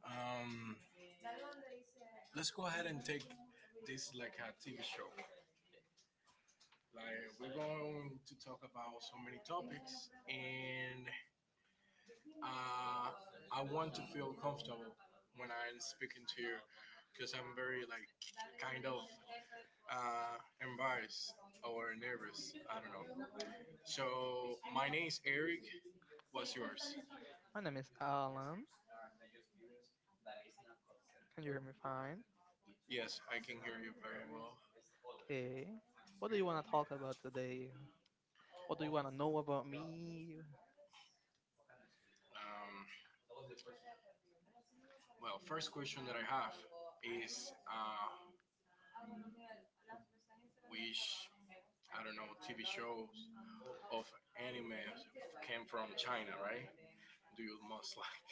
Um, let's go ahead and take this like a TV show. Like we're going to talk about so many topics, and uh, I want to feel comfortable when I'm speaking to you because I'm very like kind of uh, embarrassed or nervous. I don't know. So my name is Eric. What's yours? My name is Alan. Can you hear me fine? Yes, I can hear you very well. Okay. What do you want to talk about today? What do you want to know about me? Um, well, first question that I have is which I don't know TV shows of anime came from China, right? Do you most like?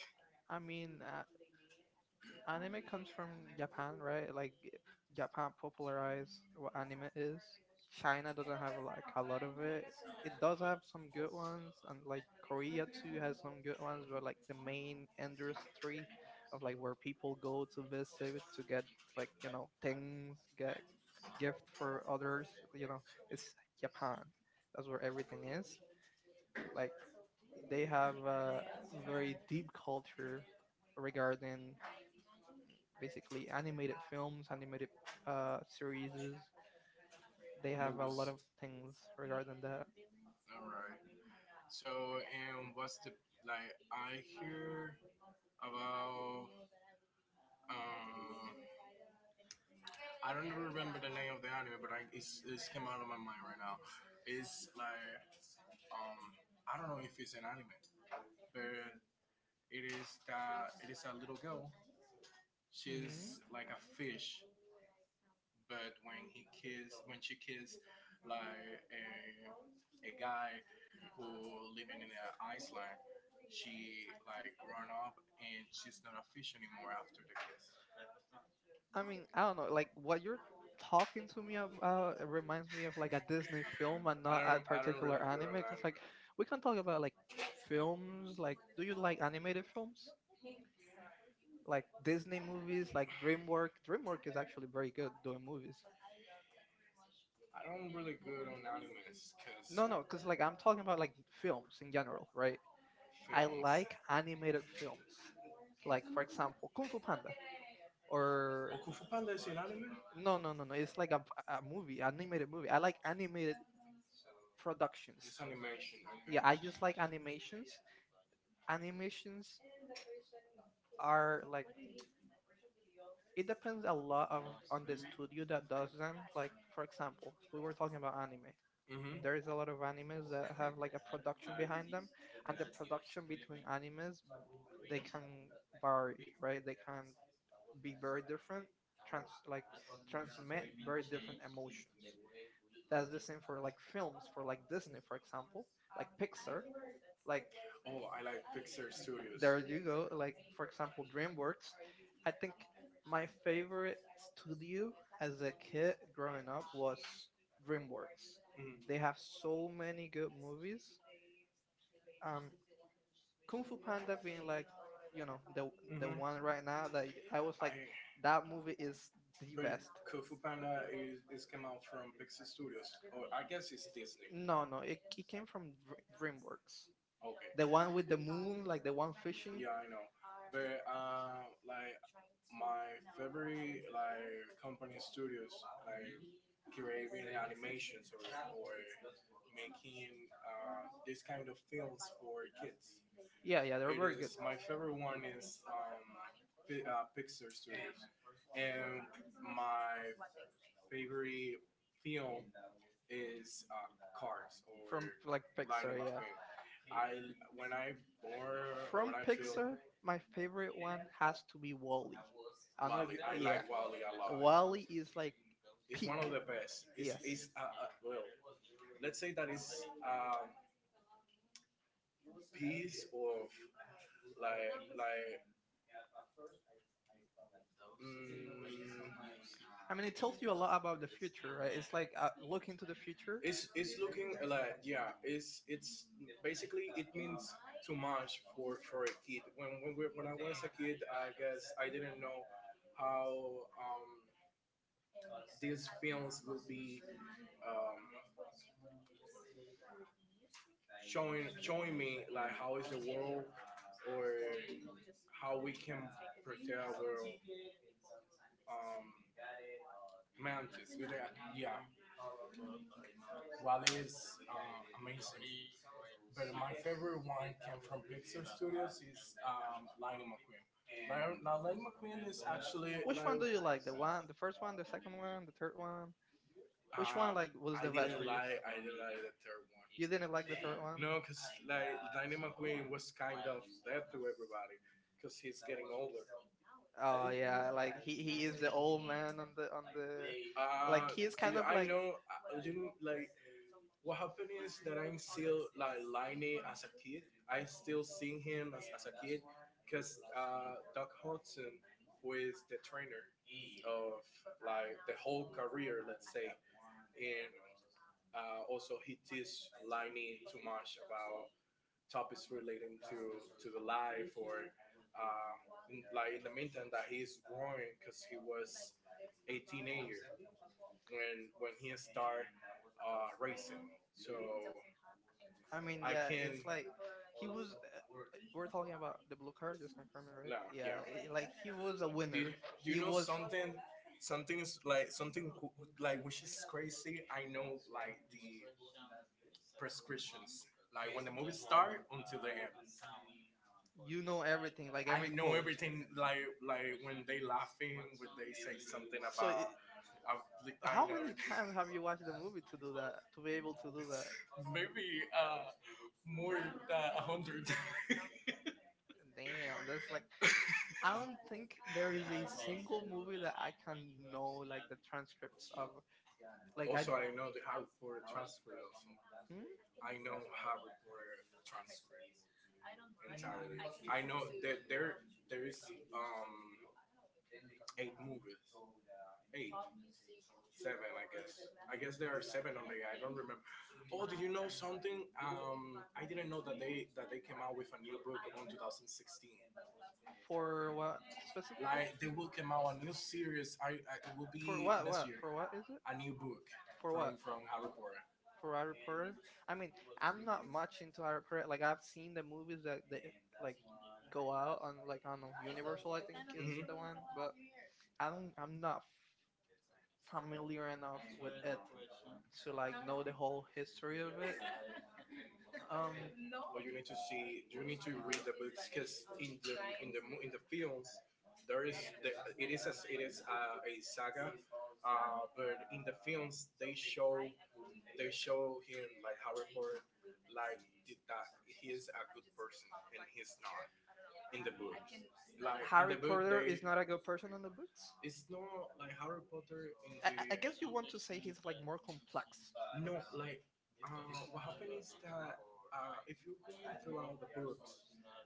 I mean, anime comes from Japan, right? Right? Like Japan popularized what anime is. China doesn't have like a lot of it. It does have some good ones, and like Like Korea too movies. has some good ones. But like the main industry of like where people go to visit to get like things, get gift for others, you know, it's Japan. That's where everything is. Like they have a very deep culture regarding basically animated films, animated series. They have a lot of things regarding that. All right. So, and what's the like? I hear about Um, I don't even remember the name of the anime, but it's came out of my mind right now. It's like um, I don't know if it's an anime, but it is a little girl. She's Hmm. like a fish, but when she kissed, like a guy who living in an island, she like grown up and she's not a fish anymore after the kiss. I mean, I don't know. Like what you're talking to me about it reminds me of like a Disney Disney film. film And and I not don't. a I don't really particular go to anime. Cause Atlanta. like we can talk about like films. Like, do you like animated films? Like Disney movies, like DreamWorks. DreamWorks is actually very good doing movies. No, no, because like I'm I talking about like films films in in general. general, I right? I like animated films, like like for for example, example, Kung Fu Panda, oh, or Kung Fu Panda. No, no, no, no, no, no. It's like a a movie. movie, I animated movie. I like animated like productions. It's productions. Yeah, I just like animations. animations. Animations are like it Sometimes depends a a lot lot of of, on the you studio that that does doesn't them. love Like for example, we were talking about about anime. anime. Mm-hmm. There There is is a lot lot of of animes that have like a production behind them, and the production between animes. animes they can vary, right? They can be very different, trans like transmit very different emotions. That's the same for like Film. films, for like Disney, for example, like Pixar. Like Like oh, I like, there you go. Like for example, DreamWorks. I think my favorite studio as a kid growing up was DreamWorks. mhm, they They have, have so many good movies. Um, Kung Fu Panda being like, you know, the mm-hmm, the, the mhm, one one right right now. now that That I was was like like, I, that that movie is the best. Panda out. No, no, No, no, it came from from DreamWorks. DreamWorks. The One one with with the the moon, like the one. one Yeah, fishing. I know. But like my favorite like company studios like creating animations, or making this kind of films for kids. Yeah, yeah, they're It very is good. my favorite one is Pi Pixar Studios, and my favorite film is Cars or From like Lightning Pixar, yeah. McQueen. I when I born when From I feel Pixar, my favorite one has to to be be Wally. I don't know Wally. if you, yeah, Wally. Wally Wally is like peak. Yes. say that like I mean, it tells you a lot lot about about the future, right? It's like, like look into the future. it's looking like, yeah. It's basically it means too much for a kid. When I was a kid, I guess I didn't know how um, these films would be um, showing me like how is the world or how we can protect our world, um, mountains. With that, yeah, Wale's amazing. But my favorite one came from Pixar Studios is Lightning McQueen. Now, Lightning McQueen is actually Which one do you like like? The one, the first one, the second one, the third one? Which one like? like was I the best didn't for you? like the third one. You You didn't. didn't like the third one? No, because like Lightning McQueen was kind of dead to everybody because he's getting older. Oh yeah, like he is the old man on the Uh, like kind he is dude, of kind of I like. know. You know, like what happened is that I'm still like Liney as a kid. I still seeing him as a kid because Doc Hudson, who is the trainer of like the whole career, let's say, and also he teaches Liney too much about topics relating to the life or um, like in the meantime that he's growing because he was a teenager when he started racing. So I mean, yeah, can it's like he was. We're talking about the blue card, just confirming, no, right? Yeah, yeah. Like he Was was a a winner. Winner. Do you He know was. something? Something is like like which is crazy. I know like the prescriptions. Like when the movie start until the end. You know everything, like I every everything. Know quote. everything. Like when they laughing, when they say something So, about. I, I how know many everything. times have you watched the movie to do that? To be able to To do that? maybe more than a hundred. Damn, that's like I don't think there is a single movie that I can know like the transcripts of. Like I. Also, I know the hard reporter transfer. Also, I know hard reporter transfer entirely. Hmm? I know that there is um eight movies, eight, seven, I guess. I guess there are seven only. I don't remember. Oh, do you know something? I didn't know that they came out with a new book in 2016. For what specifically? Like they will come out a new series. I it will For be what? next What? year. For what is it? A new book For what? from Harry Potter. For Harry Potter? I mean, I'm not much into Harry Potter. Like Like I've I've seen seen the the movies movies that, that they like go out on, like I don't know, Universal. I think is mhm, the one, but I don't. don't. I'm I'm not not figuring familiar enough with it to like know the the whole whole history. history of it. Um, But you need to see you need to read the books because in the in the films there is the, it is a saga, but in the films they show him like Harry Potter like did that he is a good person and he's not in the book like in Harry the Harry book Potter they is not a good person in the books. it's not like Harry Potter I, in I the I guess you want to say he's like more complex. no, like what happened is that if you go throughout the books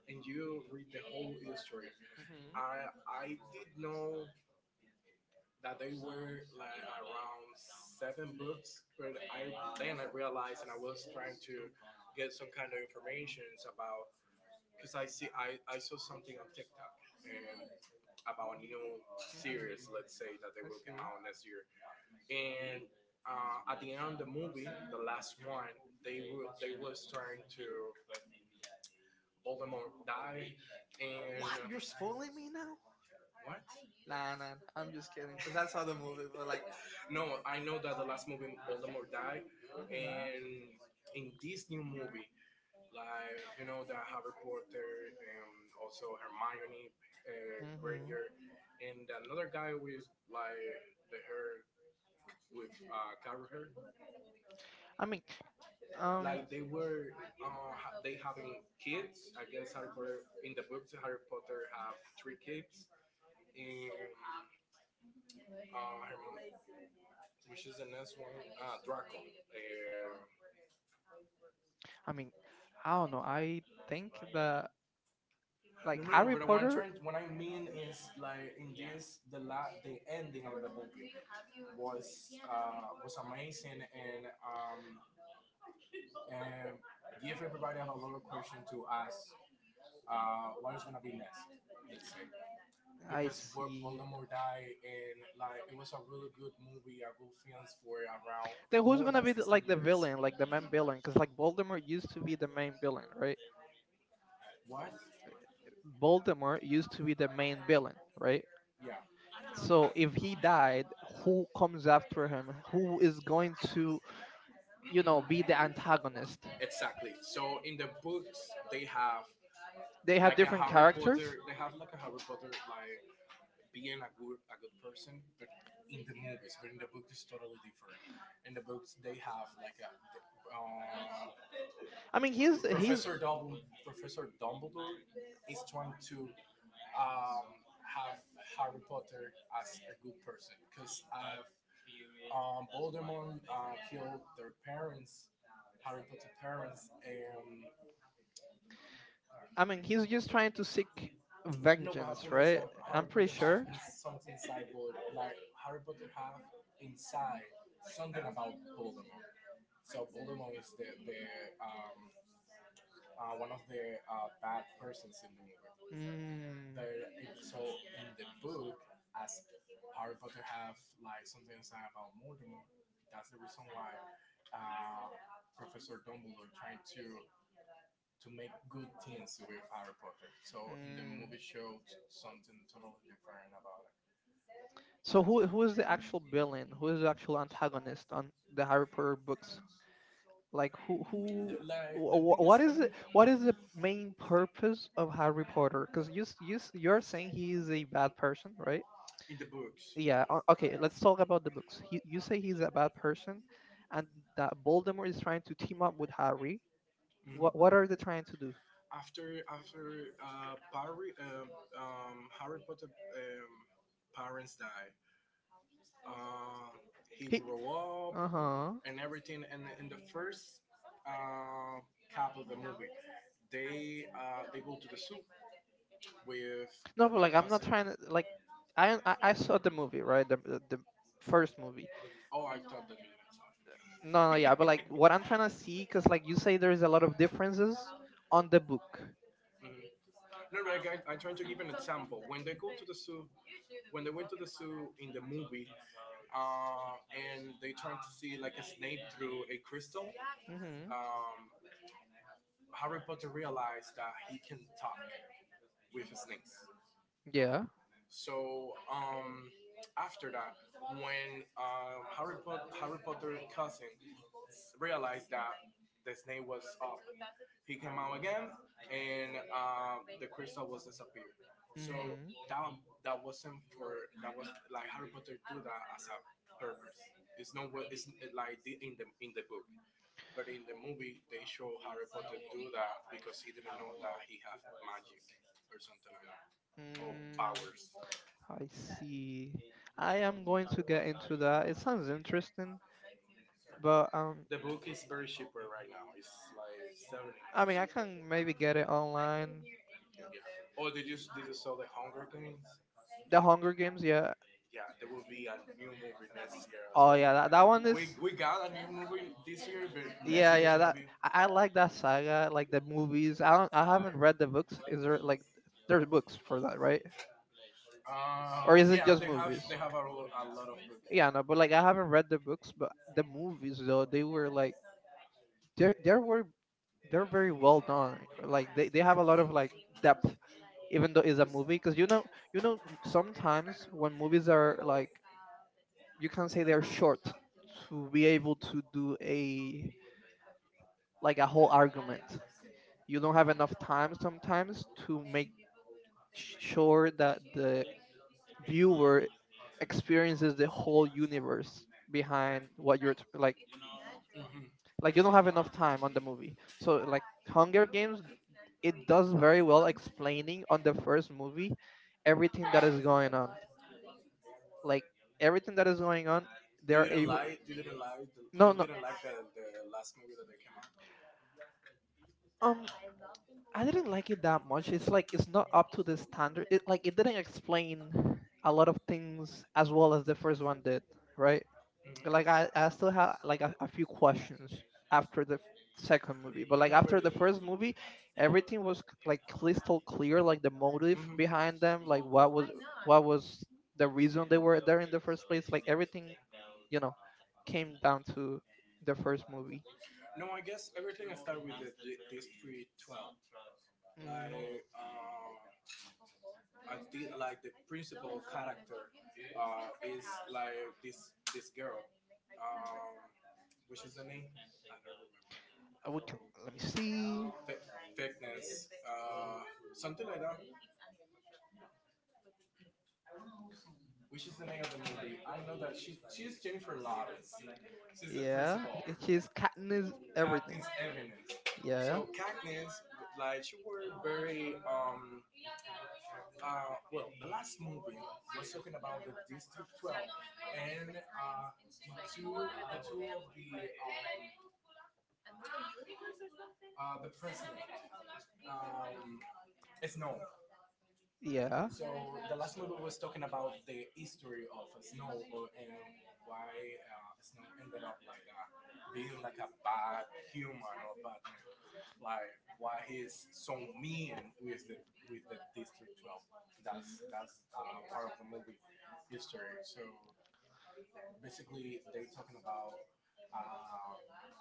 and you read the whole history, Hmm. I did know that they were like around seven books, but I then I realized and I was trying to get some kind of information about because I saw something on TikTok and about a new Mhm. series, let's say that they I will come see. out next year, and at the end of the movie, the last one, they was trying to Voldemort die, and What? You're spoiling me now? what? Nah, nah. I'm just kidding. Cause I saw the movie, but like, No, I know that the last movie Voldemort died, mhm, and in this new movie, like you know that Harry Potter and also Hermione mhm. Granger, and another guy with like the hair with curly hair. I mean, um, Like they were, they having kids. I guess Harry Potter in the books, Harry Potter have three kids, and her which is the next one, ah, Draco. I mean, I don't know. I think that like No, no, Harry but what I'm Potter. trying, what I mean is like in this, the ending of the movie was amazing and give everybody a lot of question to ask what is gonna be next. Let's say I because see. Voldemort died and like it was a really good movie, a good film for around Then who's more gonna than be 16 like the years. villain, like the main villain? Cause like Voldemort used to be the main villain, right? What? Voldemort used to be the main villain, right? Yeah. So if he died, who Comes comes after him? Who is going to, be the antagonist? exactly. So in the books, they have They have like a different Harry characters. Potter. They have like a Harry Potter, like being a good person, but in the movies, but in the book it's totally different. In the books, they have like a uh, I mean, he's he's Professor Dumbledore is trying to um, have Harry Potter as a good person because I've Voldemort killed their parents, Harry Potter parents, and I mean, he's just trying to seek no, what vengeance, happened is right? that I'm Harry Potter pretty has sure. Something inside, Voldemort. Like Harry Potter have inside something about Voldemort. So Bullimong is the um, one of the bad persons in the movie. Mm, There, it- so in the book, as Harry Potter have like something inside about Voldemort, that's the reason why uh, Professor Dumbledore trying to make good things with Harry Potter. So in the mm. movie showed something totally different about it. So who is the actual villain? Who is the actual antagonist on the Harry Potter books? Like The- like what is it? What is the main purpose of Harry Potter? Because you're saying he is a bad person, right? in the books. Yeah. Okay. Let's talk about the books. You say he's a bad person, and that Voldemort is trying to team up with Harry. What Mhm. what are they trying to do? After Harry Potter um, parents died, uh, he He. grew up Uh huh. and everything. And in the first uh, cap of the movie, they go to the soup with. No, but like I'm not trying to like. I saw the movie right the first movie. Oh, I thought that you didn't. No, no, yeah, but like what I'm trying to see, because like you say, there's a lot of differences on the book. Mm-hmm. No, no, like I trying to give an example. When they go to the zoo, when they went to the zoo in the movie, and they trying to see like a snake through a crystal, um, Harry Potter realized that he can talk with snakes. Yeah. So after that, when Harry Potter's cousin realized that the snake was up, he came out again, and the crystal was disappeared. So Mm-hmm. that that wasn't for that was like Harry Potter do that as a purpose. It's not what it's like in the book. But in the movie, they show Harry Potter do that because he didn't know that he had magic or something like that, or Mm, powers. I see. I am going to get into that. It sounds interesting, but The book is very cheaper right now. It's like I mean, 70. I can maybe get it online. Yeah. Or did you saw the Hunger Games? The Hunger Games, yeah. Yeah, there will be a new movie next year as Oh yeah, that one well. is. We got a new movie this year, but next Yeah, year yeah. That I like that saga, like the movies. I don't. I haven't read the books. Is is there like there's books for that, right? Or is it yeah, just they have movies? A a lot of books. Yeah, no. But like I haven't read the books, but the movies though they were like there. There were they're very well done. Like they have a lot of like depth, even though it's a movie. Because sometimes when movies are like you can say they're short to be able to do a like a whole argument. You don't have enough time sometimes to make sure that the viewer experiences the whole universe behind what you're Hmm. You don't have enough time on the movie. So like Hunger Games it does very well explaining on the first movie everything that is going on. Like everything that is going on, they're able. No, You no. didn't like the last movie that they came out. Um, I didn't like it that much. It's like it's not up to the standard. It like it didn't explain a lot of things as well as the first one did, right? Like I still have like a few questions after the second movie, but like after the first movie everything was like crystal clear, like the motive Mhm. behind them, like what was the reason they were there in the first place, like everything you know came down to the first movie. Mhm. No, I guess everything I start with these 3 12. Like mm, um, I did like the principal character is like this girl. Um, which is the name? Let me I don't see. remember. Fakeness, something like that. Which is the name of the movie? I know that she's Jennifer Lawrence. She's the Yeah, principal. it is Katniss everything. Cockneys everywhere. Yeah, So Cockneys, like she were very well the last movie was talking about the District 12 and the two of the president um it's no yeah. so the last movie was talking about the history of and why Snow ended up like that, being like a bad human or bad man. Like why he's so mean with the District 12. That's part of the movie history. So basically, they're talking about um,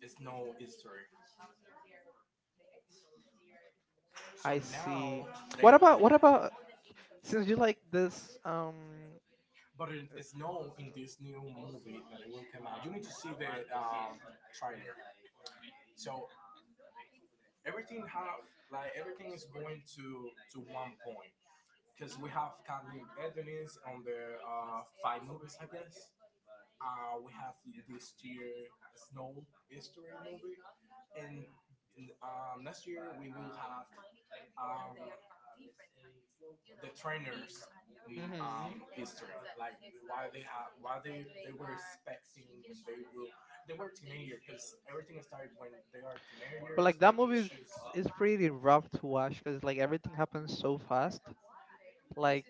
it's no history. So I see. now they. What about since you like this But it is known in this new movie that it will come out. You need to see the um, trailer. So everything have like everything is going to one point because we have Kathleen Edwards on the five movies, I guess. We have this year a Snow History movie, and next year we will have um, the trainers mhm. history, like why they have, why they were expecting when they will they were teenager because everything started when they are But teenager. like that movie is It's is pretty rough to watch because like everything happens so fast. Like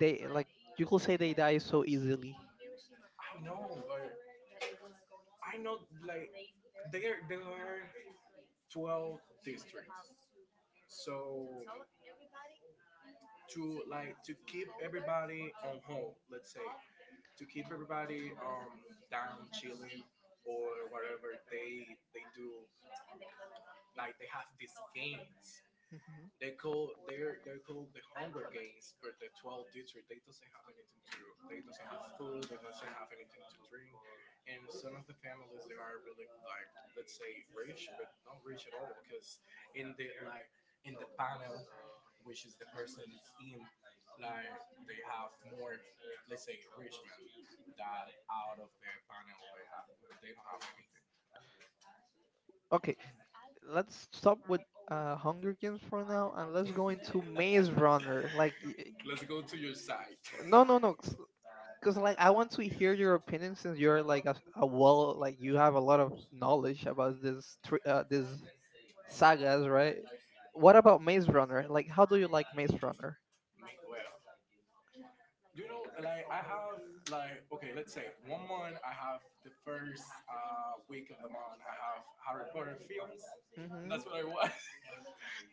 just- they like you could say they die so easily. I know, but I know like there are 12 districts, so to like to keep everybody on home, let's say, to keep everybody down chilling or whatever they do, like they have these games. Hmm. They're called the Hunger Games, but the 12 district they doesn't have anything to do. They doesn't have food. They doesn't have anything to drink. And some of the families they are really like, let's say, rich, but not rich at all because in the like in the panel, which is the person's in, like they have more, let's say, rich men that out of the panel they have they don't have anything. Okay, let's stop with Hunger Games for now and let's go into Maze Runner. Like Let's go to your side. no no no, because like I want to hear your opinion since you're like a well, like you have a lot of knowledge about this thr this sagas, right? What about Maze Runner? Like how do you like Maze Runner? Well, you know, like I have like, okay, let's say one month I have the first week of the month I have Harry Potter films. And Mm-hmm. that's what I watch.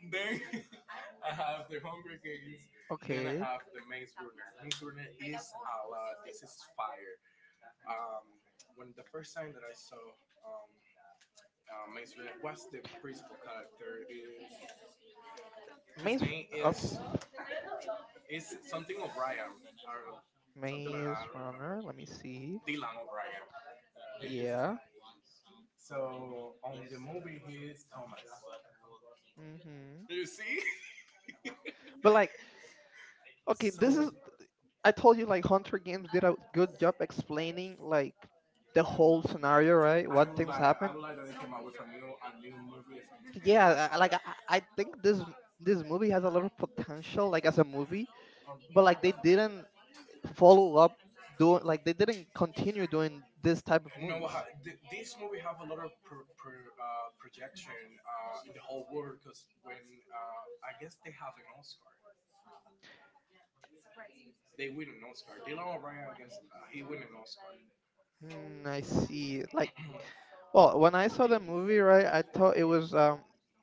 Then I have the Hunger Games. Then I Okay. have the Maze Runner. Maze Runner is a lot. This is fire. Um, when the first time that I saw um, Maze Runner, what's the principal character is his Maze name of is something O'Brien or something like that. I Maze don't remember. Runner. Let me see. Dylan O'Brien. This is his Yeah. name. So on the movie, he is Thomas. Hmm. You see? But like, okay, this So is I told you like Hunter Games did a good job explaining like the whole scenario, right? What things I happen. would like that they came out with a new movie. Yeah, I think this movie Movie has a lot of potential, like as a movie, but on. like they didn't follow up doing like they didn't continue doing this type of No, movies. This movie have a lot of projection in the whole world because when I guess they have an Oscar, they win an Oscar. Dylan O'Brien, I guess he win an Oscar. Hmm, I see. Like, well, when I saw the movie, right, I thought it was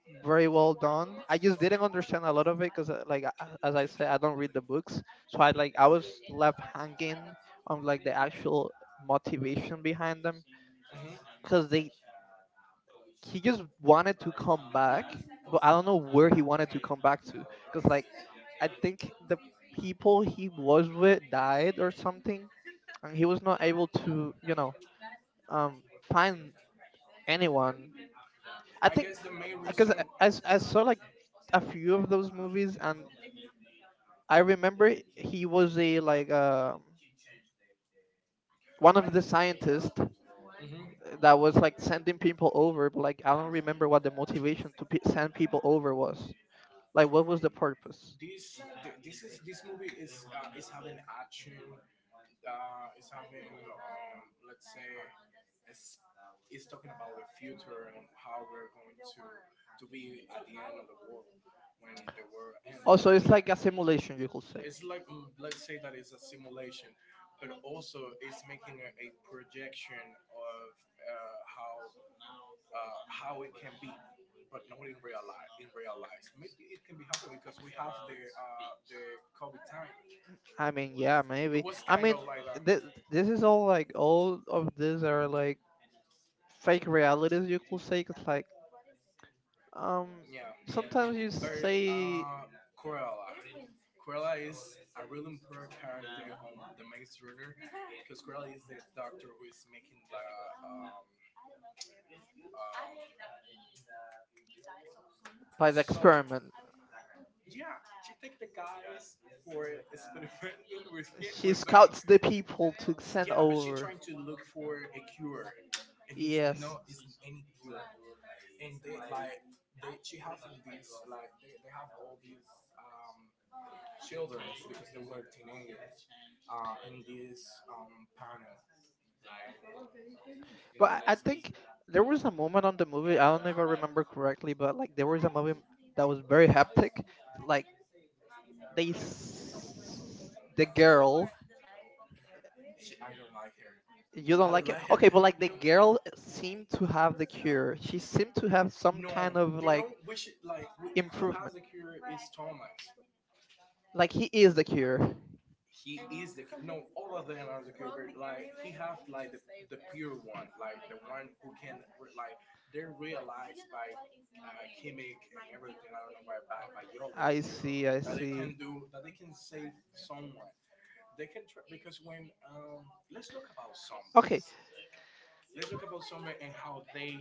very well done. I just didn't understand a lot of it because, like, as I said, I don't read the books, so I like I was left hanging on like the actual motivation behind them because they he just wanted to come back, but I don't know where he wanted to come back to because like I think the people he was with died or something, and he was not able to find anyone Mhm. I I think guess the main because reason. I saw like a few of those movies, and I remember he was a like one of the scientists Mhm. that was like sending people over, but like I don't remember what the motivation to send people over was. Like what was the purpose? This movie is having action, is having, let's say, it's is talking about the future and how we're going to be at the end of the world, when the world ends. Also, it's like a simulation, you could say. It's like let's say that it's a simulation, but also it's making a projection of how, how it can be, but not in real life. In real life. So maybe it can be happening because we have the COVID time. I mean, yeah, It maybe. was I kind mean, of like a, th- this is all like all of these are like fake realities, you could say. Cause like um yeah, sometimes you very, say Cruella. Cruella is a really important character on the Maze Runner because Cruella is the doctor who is making the um, um, by the experiment yeah, she take the guys for experimenting with him, she with. scouts the people to send Yeah, but she's over. trying to look for a cure, and it's Yes, not it's any cure. And they like they she have these like they have all these um children because they were teenagers, in this panel. Like but I think there was a moment on the movie. I don't know if I remember correctly, but like there was a moment that was very hectic. Like the girl. she, I don't like her. You don't I don't like it, like her. okay? But People like like the they. girl seemed to have the cure. She seemed to have some No, kind of you like know we should like we, and who has improvement. the cure is Thomas. Like he is the cure. He is the, no, all of them are the. Like he have like the pure one, like the one who can, like they realize by chemic and everything. I don't know by I urologists see. I that they see. can do that they can save someone. They can because when let's look about some Okay. let's talk about summer and how they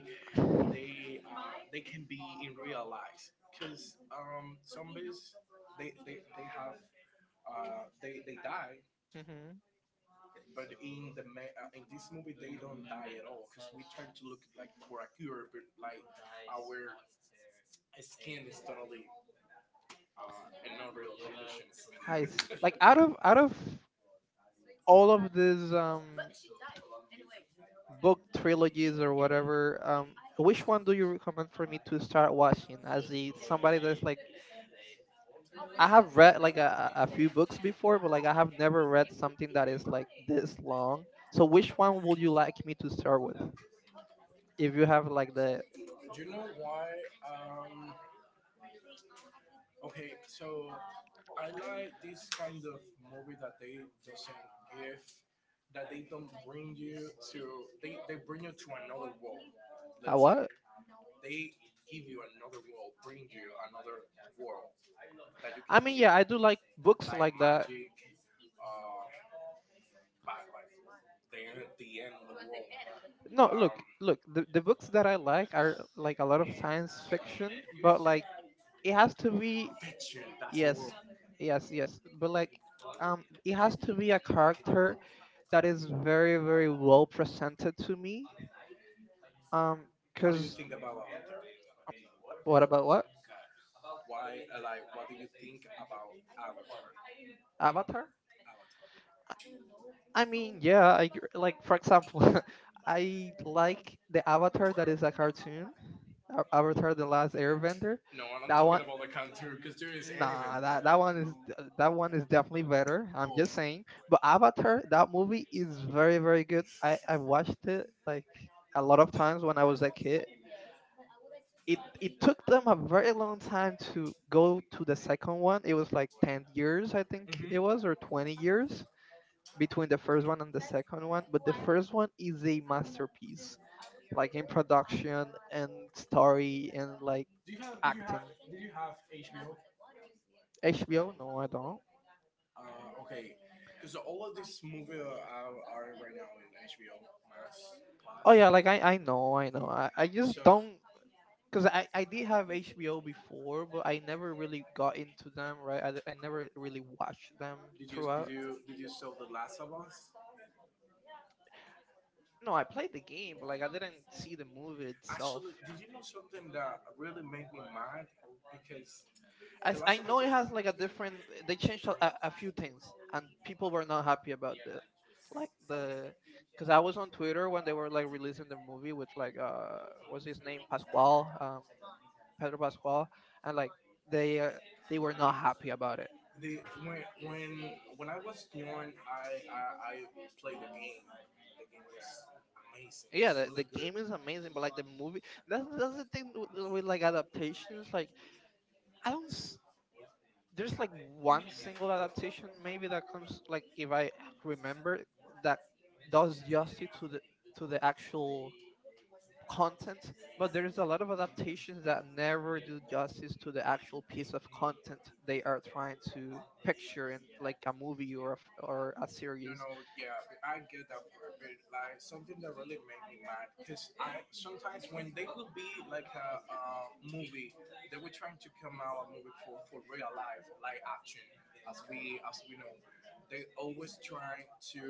they uh, they can be in real life. Cause zombies they have, they die, hmm but in this movie they don't die at all. Cause we try to look like for a cure, but like our skin is totally, in no real condition. I see. Like out of don't, I out don't of all of these book trilogies or whatever, which one do you recommend for me to start watching? As the somebody that's like, like. I have read like a few books before, but like I have never read something that is like this long. So which one would you like me to start with? If you have like the Do you know why? Um, okay, so I like this kind of movie that they doesn't give, that they don't bring you to. They bring you to another world. a Let's what? They give you another world, bring you another world that you I can mean, yeah, I do like books like like that. magic. Uh, but like the the end of the world. No, look, Um, look, the books that I like are like a lot of science fiction, but like it has to be Fiction, that's a word. yes, yes, yes. But like, it has to be a character that is very, very well presented to me. Um, What do you cause think about Avatar? what about what Why, like, what do you think about Avatar? Avatar? Avatar. I mean, yeah, like for example, I like the Avatar that is a cartoon, Avatar: The Last Airbender. No, I'm That talking one, about the cartoon, because there is anime. nah, that one is definitely better. I'm just saying. But Avatar, that movie is very, very good. I watched it like a lot of times when I was a kid. It took them a very long time to go to the second Second one. one, It it was was like like 10 years, years, I I think think. it Mhm. was, or 20 years between the The first first one one and the and second one. But the one. first one Is is a a. masterpiece, like in production and story and like Do you have? acting. Did you have HBO? HBO? No, I don't. Okay, because all of these movies are right now in HBO Max Oh yeah, Plus. like I know, I know. I just don't because I did have HBO before, but I never really got into them, right? I never really watched them throughout. Did you saw The Last of Us? No, I played the game, but like I didn't see the The movie movie. itself. Actually, did you know something that really made me mad? Because As I know, it has like a different. They changed a few things, and people were not happy about like because I was on Twitter when they were like releasing the movie with like what's his name, Pascual, Pedro Pascual, and like they they uh, they were not happy about it. they when I was young, I played the game. The game was amazing. Yeah, Yeah, it's the really good. game is Game. amazing, but like the movie, that's the thing with like adaptations. Like I don't. There's Like like why one single adaptation maybe that comes like like if I remember that that does justice to the actual content, but there's a lot of adaptations that never do justice to the to actual piece of content they are trying to picture in like a movie. movie or Or or a a serious, no, series. no, yeah, I get that part, but like something that really made me mad because I sometimes when they would be like a, movie, they were trying to come out a movie for real life, like action, as we know, they always try to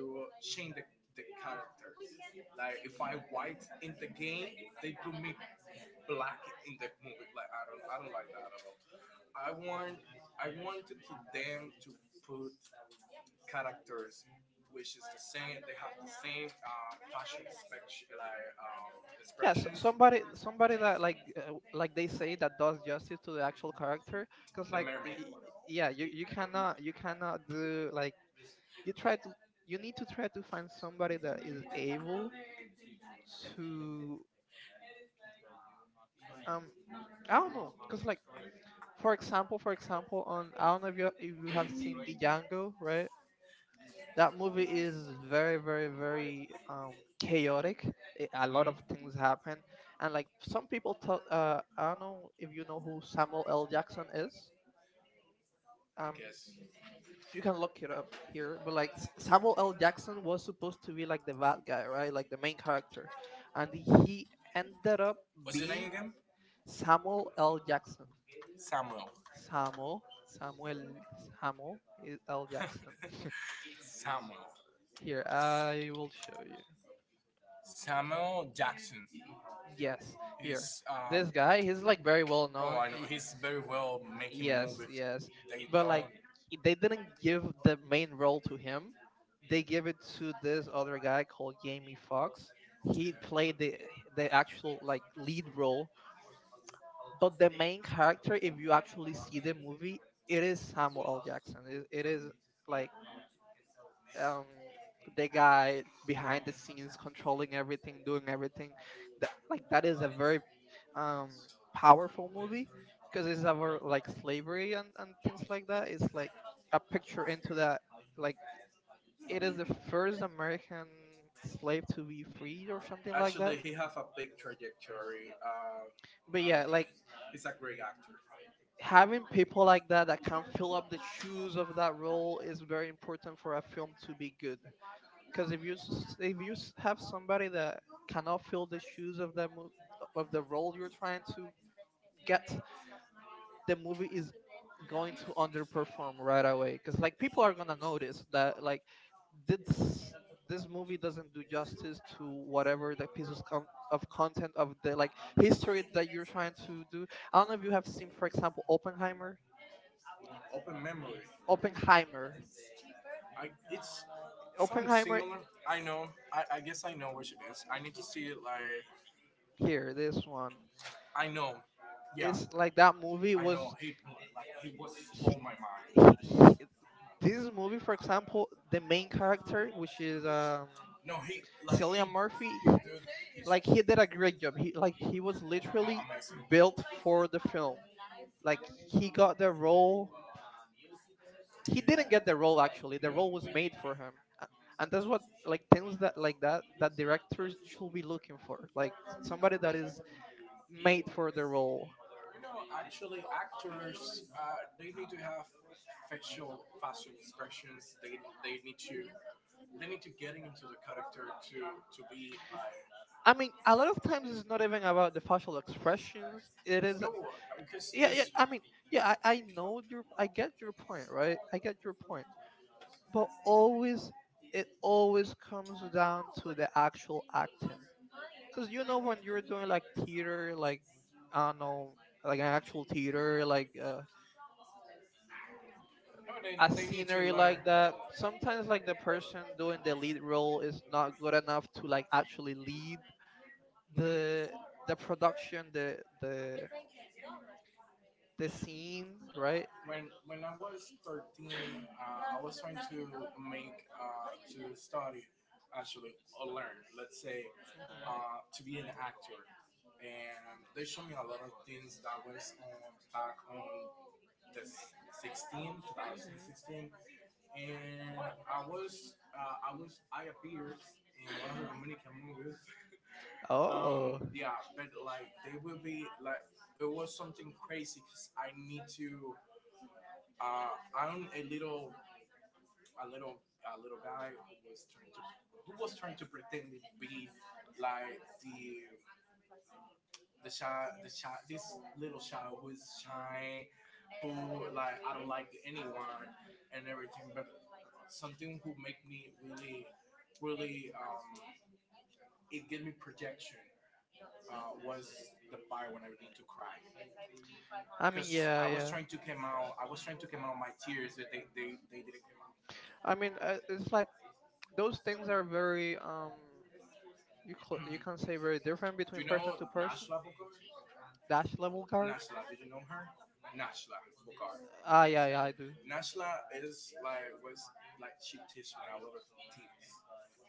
change the. The characters, like if I white in the game, they put me black in the movie. Like I don't like that at all. I want I wanted to them to put characters which is the same they have the same, fashion, like, Yeah, so expression. somebody that like they say that does justice to the actual character, cuz The like mermaid. Yeah, Yeah, cannot. You. you cannot do like you try to, you need to try to find somebody that is able to um I don't know, cause like for example, on I don't know if you have seen the Django, right? That movie is very chaotic. It, a lot of things Mhm, happen, and like some people thought, I don't know if you know who Samuel L. Jackson is. I Um, guess you you can can look look it it up up. You here, know, but but like like Samuel L. Saxon Jackson was was to supposed to be, be like the bad guy, right? right? Like, Like the main character, and he and ended up what's the name being again? Samuel L. Jackson. Samuel. Samuel, Samuel, Samuel is L. Jackson. Here, Yeah. I will show you. Yes, here. Is, This guy guy, he's like very very well well known. known. Oh, very well, yes, Yes, movies. yes. But like They they didn't didn't give give the main main role role to to him. him. They gave it to this other This guy called Jamie Fox. He played the actual like lead lead role. role, but the main character, if you actually see the movie, It it is is Samuel L. Jackson. It, it a is like um the guy, guy the behind the scenes controlling everything, doing everything that like that is a very um powerful movie because it's about like slavery and things like that. It's like a picture into that, like it is the first first american American. slave to be freed or something like that. Actually, he have a big trajectory. But yeah, uh, like he's a great actor. having people like that that can fill up the shoes of that role is very important for a film to be You good. Because if you have somebody that cannot fill the shoes of the of the role you're trying to get, the movie is going to underperform right away. Because like people are gonna can notice notice that that like like this this movie movie doesn't doesn't do do justice to whatever the pieces of content of the like history that you're trying to that. do. I don't know if you have seen, for example, Oppenheimer. Open Memory. Oppenheimer. It's something Oppenheimer. similar. I know. I guess I know which it is. I need to see it. Like Here, this one. I know. Yeah, It's like that movie I know. was He was blow he, my mind. he, this movie, for example, the main Which character, which is, is no, Cillian Cillian Murphy. Murphy, He did his like he did a great job. He was like, literally built, built for the film. Like he got the role. He didn't get the role actually. The role was made for him, A- and that's what like things that like that directors should be looking for. him. Like somebody that is made for the role. Actually, they have facial expressions. They need to they need to get into the character to be. I mean, a lot of times It's it's not not even even. about the facial expressions. It It is. is No, because yeah yeah it's, I I mean, mean yeah, yeah. I, I I know. know your, I I get get your your point, point, right? right, I I get get your your point. point, but But always always, it it always always comes comes down to with the the actual actual acting, because you know when you're doing like teacher, theater like like I I don't don't know, know, like like an an actual actual theater, theater like like. No, a they need to scenery learn. like that, sometimes like the person doing the lead role is not good enough to like actually lead the, the production the the the team. scene, right? When I was 13, I was trying to make to study, actually, or learn. Let's say, to be an actor, and they showed me a lot of things that was on back on the 16, 2016, and I was, I appeared in one of the Dominican movies. Oh, Yeah, but like they will be like it was something crazy because I need to. Uh, I'm a little, a little guy who was trying to, who was trying to pretend to be like the child, this little child who is shy, who like I don't like anyone and everything, but something who make me really, really, it gave me projection. Was the part when I need to cry because I mean, because yeah, I was yeah. trying to come out. I was trying to come out my tears that they didn't come out. I mean, it's like those Things things are very very. You Um, can say very different Do between you person know to person. Nashla Bokar? Dash level guard. Nashla, did you know her? Nashla Bokar. Ah, yeah, yeah, I do. Nashla is like was like she teach me a lot of things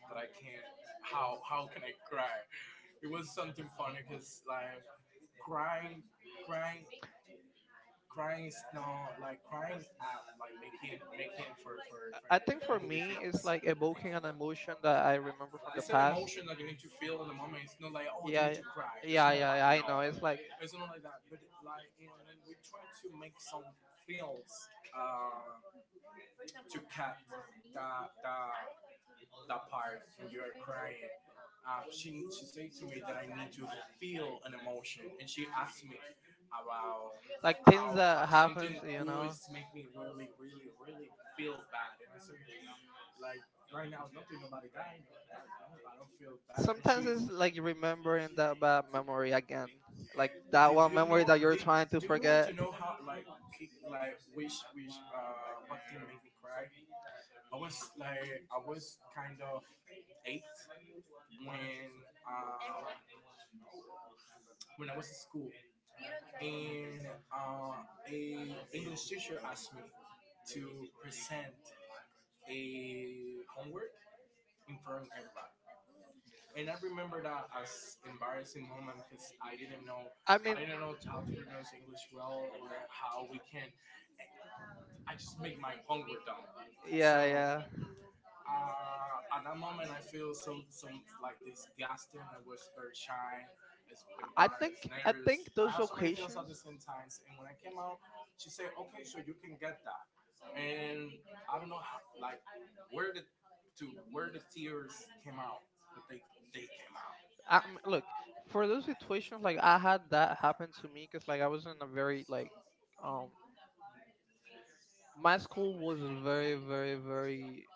that I can't. How can I cry. It was something funny because like crying, crying, crying is not like crying at like making making for for I think for for movie me, feels. it's like evoking an emotion that I remember from the It's an past. emotion that you need to feel in the moment. It's not like, oh, you Yeah, need yeah, to cry. It's yeah, not yeah. like Yeah, I no. know. It's It's not like that. But like you know, and then we try to make some films, uh, to cut that that that part when you are crying. She said to me that I need to feel an emotion, and she asked me about like things how that happens, something you good know, make me really, really, really feel bad. And I said, like right now, nothing nobody died. No, I don't feel bad. And she, sometimes it's like remembering that bad memory again, like that like one memory that you're you're Do- trying trying to to do you want forget. to know how like which what thing made me cry? I was kind of eight when uh, when I was in school, and uh, a English teacher asked me to present a homework in front of everybody. And I remember that as embarrassing moment because I didn't know I I mean, I didn't know how to pronounce English well or how we can I just make my hunger down. yeah, yeah, So- at that moment, I feel some like disgusting. I was very shy. It's i embarrassed, think I I think nervous. think I those have so many feelings at the occasions. same time. And when I came out, she said, "Okay, so you can get that." And I don't know how, where the to where the tears came out, but they came out. Look, for those situations, like I had that happen to me because like I was in a very like um my school was very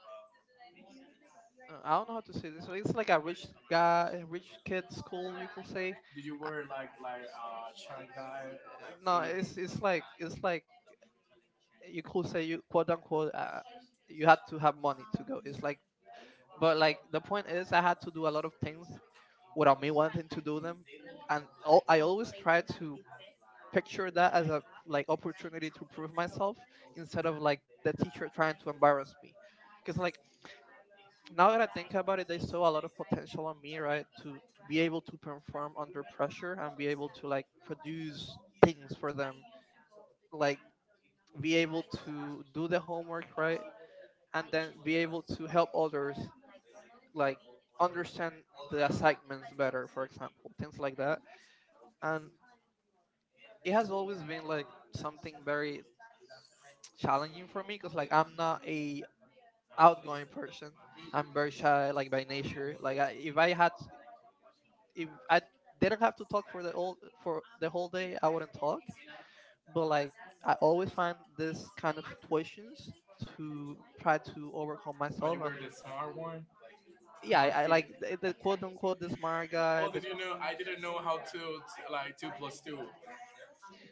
I don't know how to say Masculine, this. so it's It's like like a a rich guy, a rich kid school, you could say. Did you Uh, wear like no, it's like it's it's like like you people could say say you you quote quote unquote unquote you had to have have. money to go. It's It's like, like but like the point is, I had to do a lot of things without me wanting to to do do them, and I always try to picture that as a like opportunity to prove myself well instead of like the teacher trying to embarrass me, because like now that I think about it, they saw a lot of potential on me, me right? To be able to perform perform for under pressure and be able to like produce things for them, like be able to do the homework, right? And then be able to help others, like understand the assignments better, for example, things like that. And it has always been like something very challenging for me because like I'm not a outgoing person. I'm very shy, like by nature. Like I, if I didn't have to talk for the whole day, I wouldn't talk. But like I always find it's this kind of situations to try to overcome myself. And yeah, smart I like the quote the unquote the smart guy, the smart like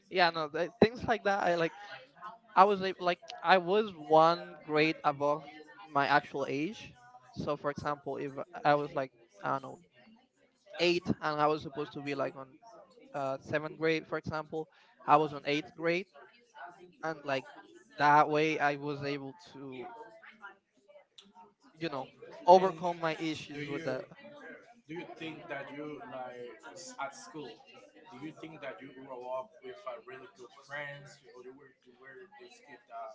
yeah no things like that I like. Like I was one grade above my actual age, so for example if I was like I don't know eight and I was supposed to be like on seventh grade, for example, I was on eighth grade, and like that way, I was able to, you know, overcome my issues with issues? that. Do you think that you at school? Do you think that you grew up with really good friends, or you were this kid that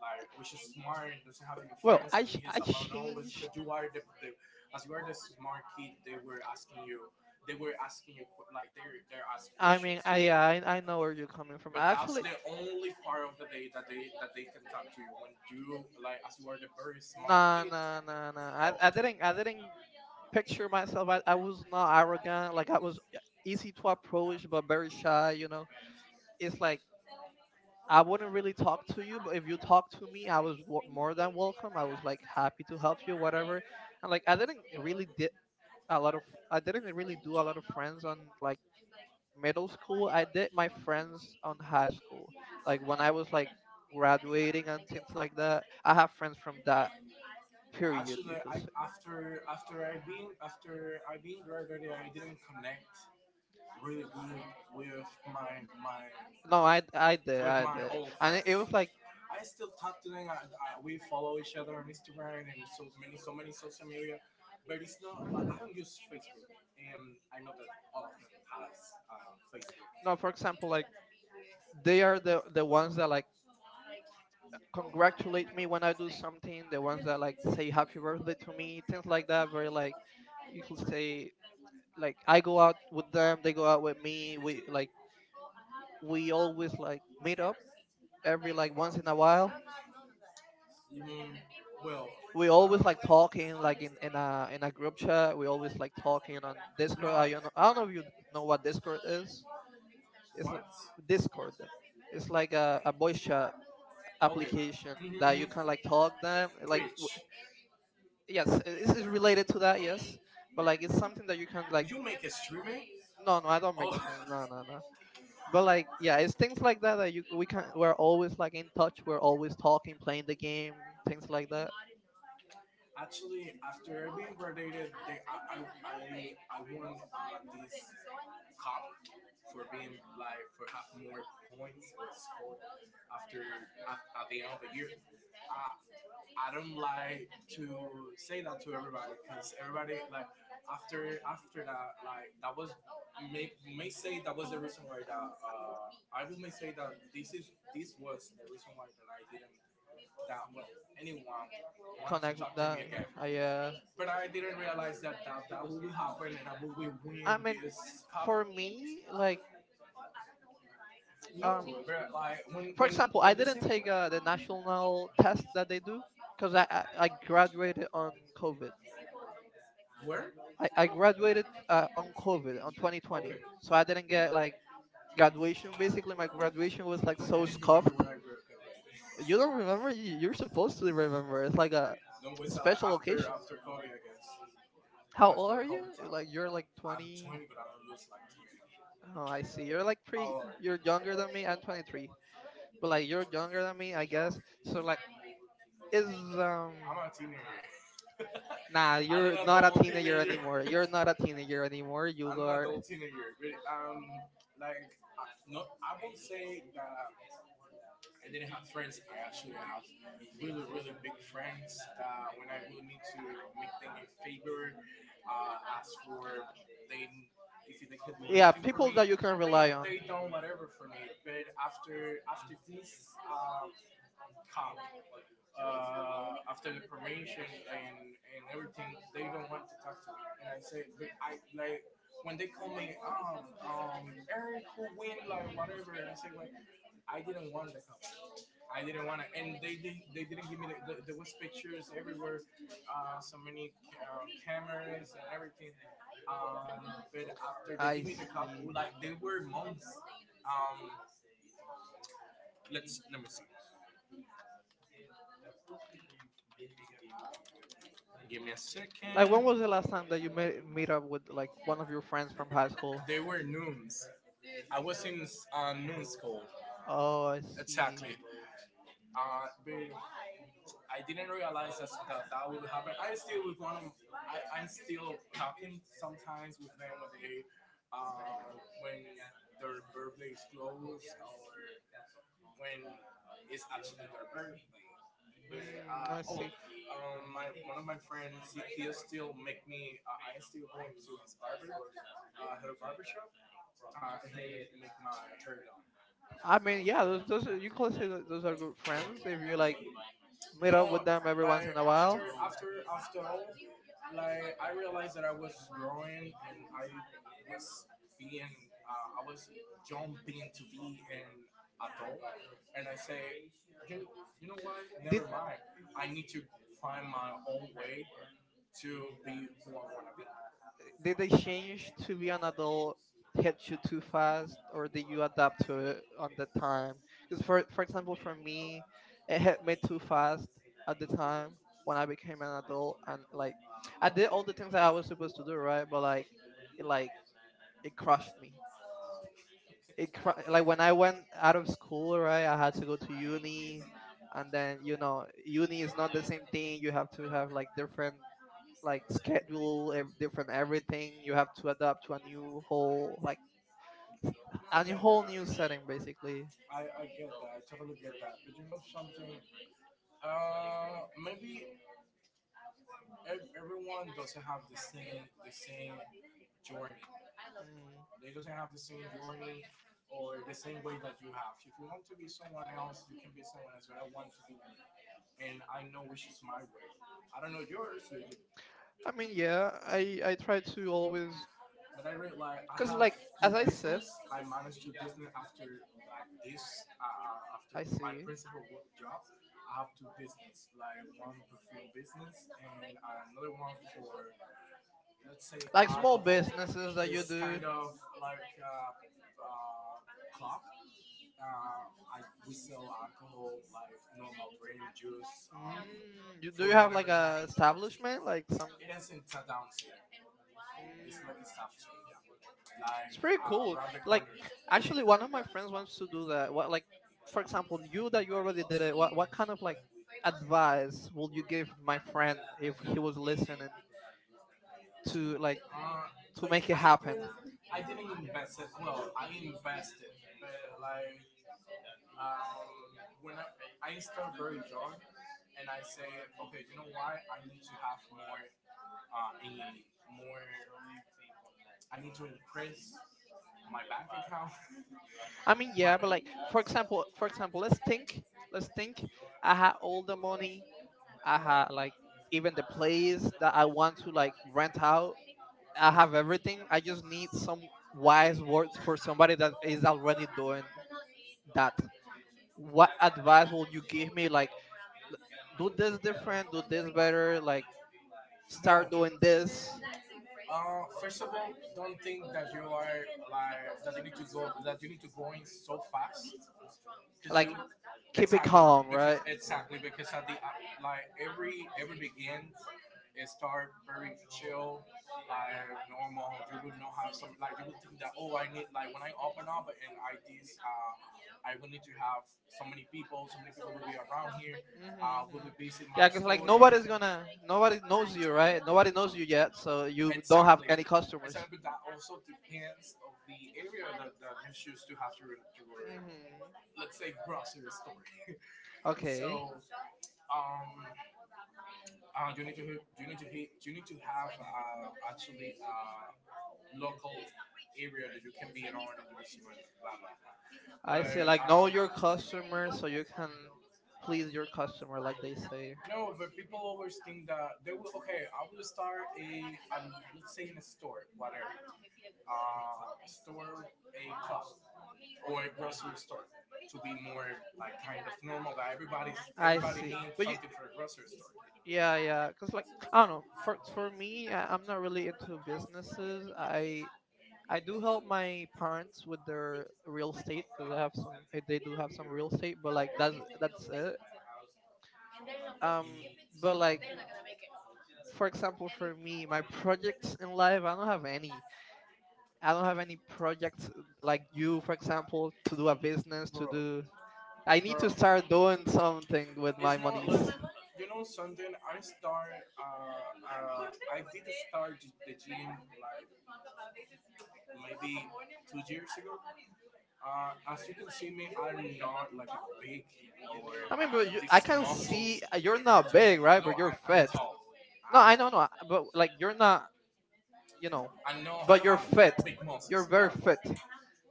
which is smart and doesn't have any Well, friends? He's I alone always. changed. But you are the, as you are the smart kid. They were asking you. They were asking you like they're asking I questions mean, to I you. I I know where you're coming from. But I that's actually the only part of the day that they can talk to you when you like as you are the very smart, nah, nah, kid. nah, nah, nah. Nah, I didn't picture myself. I, oh. I was not arrogant. Like I was easy Easy to approach, approach, but but very very shy. You know, it's like I wouldn't really talk to you, but if you talk up to me, I was more than welcome. I was like happy to help you, whatever. And like I didn't really did a lot of I didn't really do a lot of friends on like middle school. I did my friends on high school, like when I was like graduating and things like that. I have have friends. friends from that period, you Actually, could I say. after I been graduated, I didn't connect really good with my No, I, I I I did I, I my did, old and friends. it Was was like like I still talk to them. We follow each other on Instagram and so many social media, but it's not like I don't use Facebook, and I know that all of them has Facebook. no, for example, like they are the ones that like congratulate me when I do something, the Something. ones that like say happy birthday to me, things like that. Very like you could say like I go out with them, they go out with me. We always like meet up every like once in a while. We always like talking like in a group chat. We always like talking on Discord. I don't know if you know what Discord is. It's l- Discord. It's like a voice chat application that you can Mhm. like talk them like Twitch. yes, this is related to that, yes. But like it's something that you can That like you can. no no, I don't make Oh. streams, no no no. But like yeah, it's things like that that you we can we're always like in touch, we're always talking, playing the game, things like that. Graduated, cop for being like for having more points or score after, at the end of the year. Uh, I don't like to say that to everybody because everybody like after that like that was may say that was the reason why that I will may say that this was the reason why that I didn't that wa- anyone wants to Connect with talk to me that. again. I uh But I didn't realize that that will happen and I will win I mean this cup. for me like No, um but like when, for for when for example I when they, didn't take the national test that they do because I graduated on COVID. I, okay. I graduated on COVID on 2020, so I So didn't get like graduation. Basically my graduation was I like so scuffed, when I grew up. you don't remember. You're supposed to remember, it's like a No, it's special after occasion. after Kobe, I guess. How A old are you? Like time. you're like I'm 20? 20, but I don't look like 20. Oh, I see, you're like Like pretty, pretty. Oh. you're younger than me. I'm 23, but like you're younger I than me, I mean, guess. So like is um I'm a teenager. nah, Ah, I am you're an not a adult teenager teenager. anymore, you're not a teenager anymore, you I'm an are. adult teenager, but like, I, no, I would say that I didn't have friends. I actually have really, really big friends. When I will need to like, make them a favor, ask for they if they could do Yeah, anything for people me, that you can they, rely on. they done whatever for me. But after this cup, after the promotion and everything, they don't want to talk to me. And I say, but I like when they call me, Eric will win, like whatever. And I say, like, I didn't want the cup. I didn't want to, and they didn't. They didn't give me. There was pictures everywhere, so many cameras and everything. Um, but after they I give me the cup, see. like they were months. Um, let's let me see. Give me a Like when second. was the last time that you met meet up with like one of your friends from high school? They were nuns. I was in a nun school. Oh, I see. Exactly. Uh, they- I didn't realize that that would happen. I still with one. Of, I I'm still talking sometimes with them when they uh, when their birthday is close or when it's actually their birthday. But, Mm, I see. My one of my friends, he still make me. I still go to his barber, her barber shop. He make my hair done. I mean, yeah, you could say those are good friends if you like meet up with them every once in a while. You. Did did they change to be an adult, hit you too fast, or did you adapt to it on the time? Because for For for example, example, for me, it hit me too fast at the time when when I I became became an an adult, adult, and like I did all the things that I was supposed to do, right? But like it like it crushed me. Like when I went out of school, right? I had to go to uni, and then uni is not the same thing. You you have have to have like different like schedule, different everything. You you have have to to adapt adapt. to I get. a new Yeah, whole that. new Basically. setting, basically. I get that. I totally get that. But you know something? Maybe everyone doesn't have the same journey. Mm. They doesn't have the same journey or the same way that you have. If you want to be someone else, you can be someone else. But I want to be me, and I know which is my way. I don't know yours, I mean, yeah, I try to always but I read like I because like, have two as I I said, business. I managed two business after like this. After I my see. principal work job, I have two business. Like one perfume business and another one for let's say Like small businesses that you do. kind of like a club. I, we sell alcohol like normal brand juice. Mm, you You have like a establishment like some? ends in Town. Mm, it's It's pretty pretty cool. Like, actually, one of my friends wants to do that. What, like, for example, you that you already did it, what kind of like advice would you will give my friend if he was listening to like to to like, make make it. it I happen. happen? Didn't, I didn't invest it. Well, I invested, but like um, when I start very young, and I say, okay, you know why? I need to have more in more. I need to increase my bank account. I mean, Mean, yeah, but like, for example, example, let's think, let's let's think. think. I I had had all all the the. money. I had like Even. even the place that I want to like rent out. I have everything. I just need some wise words for somebody that is already doing that. What advice will you give me? Like do this different, do this better, like start Start. doing this, First of all, don't think that you are like that you need to go in so fast because you like keep it exactly calm, because right? exactly because at the like every begin it start very chill, like normal. You would not have some like you would think that oh I need like when I open up and I this I will need to have so many people will be around here, will Mm-hmm. be visiting Yeah, my because like like store. Nobody Nobody knows you, right? Nobody knows you yet, so you it's don't have any it's a customers. bit that also depends of the area that, that you choose to have your Hmm. let's say grocery store. Okay. So um, you need to have actually local area that you can be in order to receive blah blah blah. But I see. Like know um, your customer so you can please your customer, like they say. no, but people always think that they will. Okay, I will start a um, let's say in a store, whatever, store a club or a grocery store to be more like kind of normal that everybody's I everybody see. needs But you, something for a grocery store. yeah, yeah. Cause like I don't I don't know. know. For me, I'm not really into businesses. I do help my parents with their real estate because I have some. They do have some real estate, but like that's it. Um, but like for Example, example, for me, my projects in life, I don't have any. I don't have any projects like you, for example, to do a business, to bro, do. I need bro, to start. start doing something with my It's not monies. like you know something. I start. I did start the gym like maybe 2 years ago. As you can see me, I'm not like a big or I mean, but have you, these I can muscles. See see you're you're no, not but big, right? you're But you're I, I'm fit. tall. No, I I'm don't know, no, but like you're not, you know, but you're fit. You're very fit.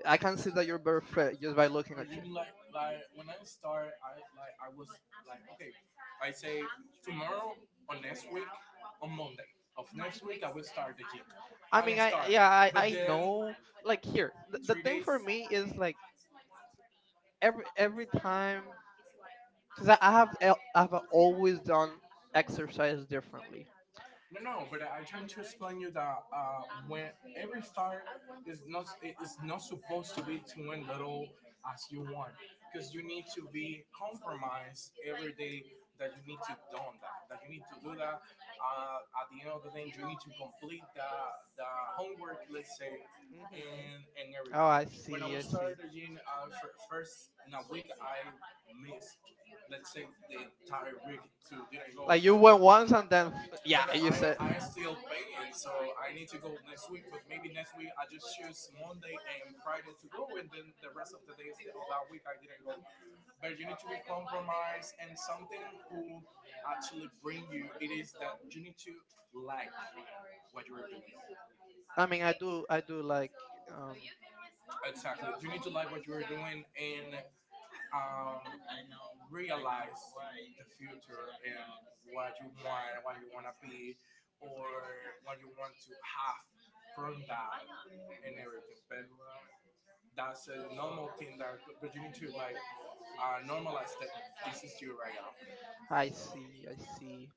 I can see that that you're you're very fair just by very looking at you. start, like I. I mean, I Yeah, yeah, I I, know. Like here, the thing for me is like every time, because I've always done exercise differently. you that to as you want because you need to be compromised every day that you need to do that at the end of the day you need to complete the homework let's say Hmm. And Oh, everything. I When I see, I was see. started the gym first in a week I missed let's say the entire week to didn't go. Like you went once and then yeah, Yeah, but you said. I still paying, so I need to go next week. But maybe next week I just choose Monday and Friday to go, and then the rest of the days of that week I didn't go. But you need to be compromised and something who actually bring you. It is that you need to like what you are doing. I mean, I do like. Um, Exactly. You need to like what you are doing and um, realize the future and what you want and what you want to be or what you want to have from that and everything. But that's a normal thing that, but you need to like normalize that this is you right now. I see, I see.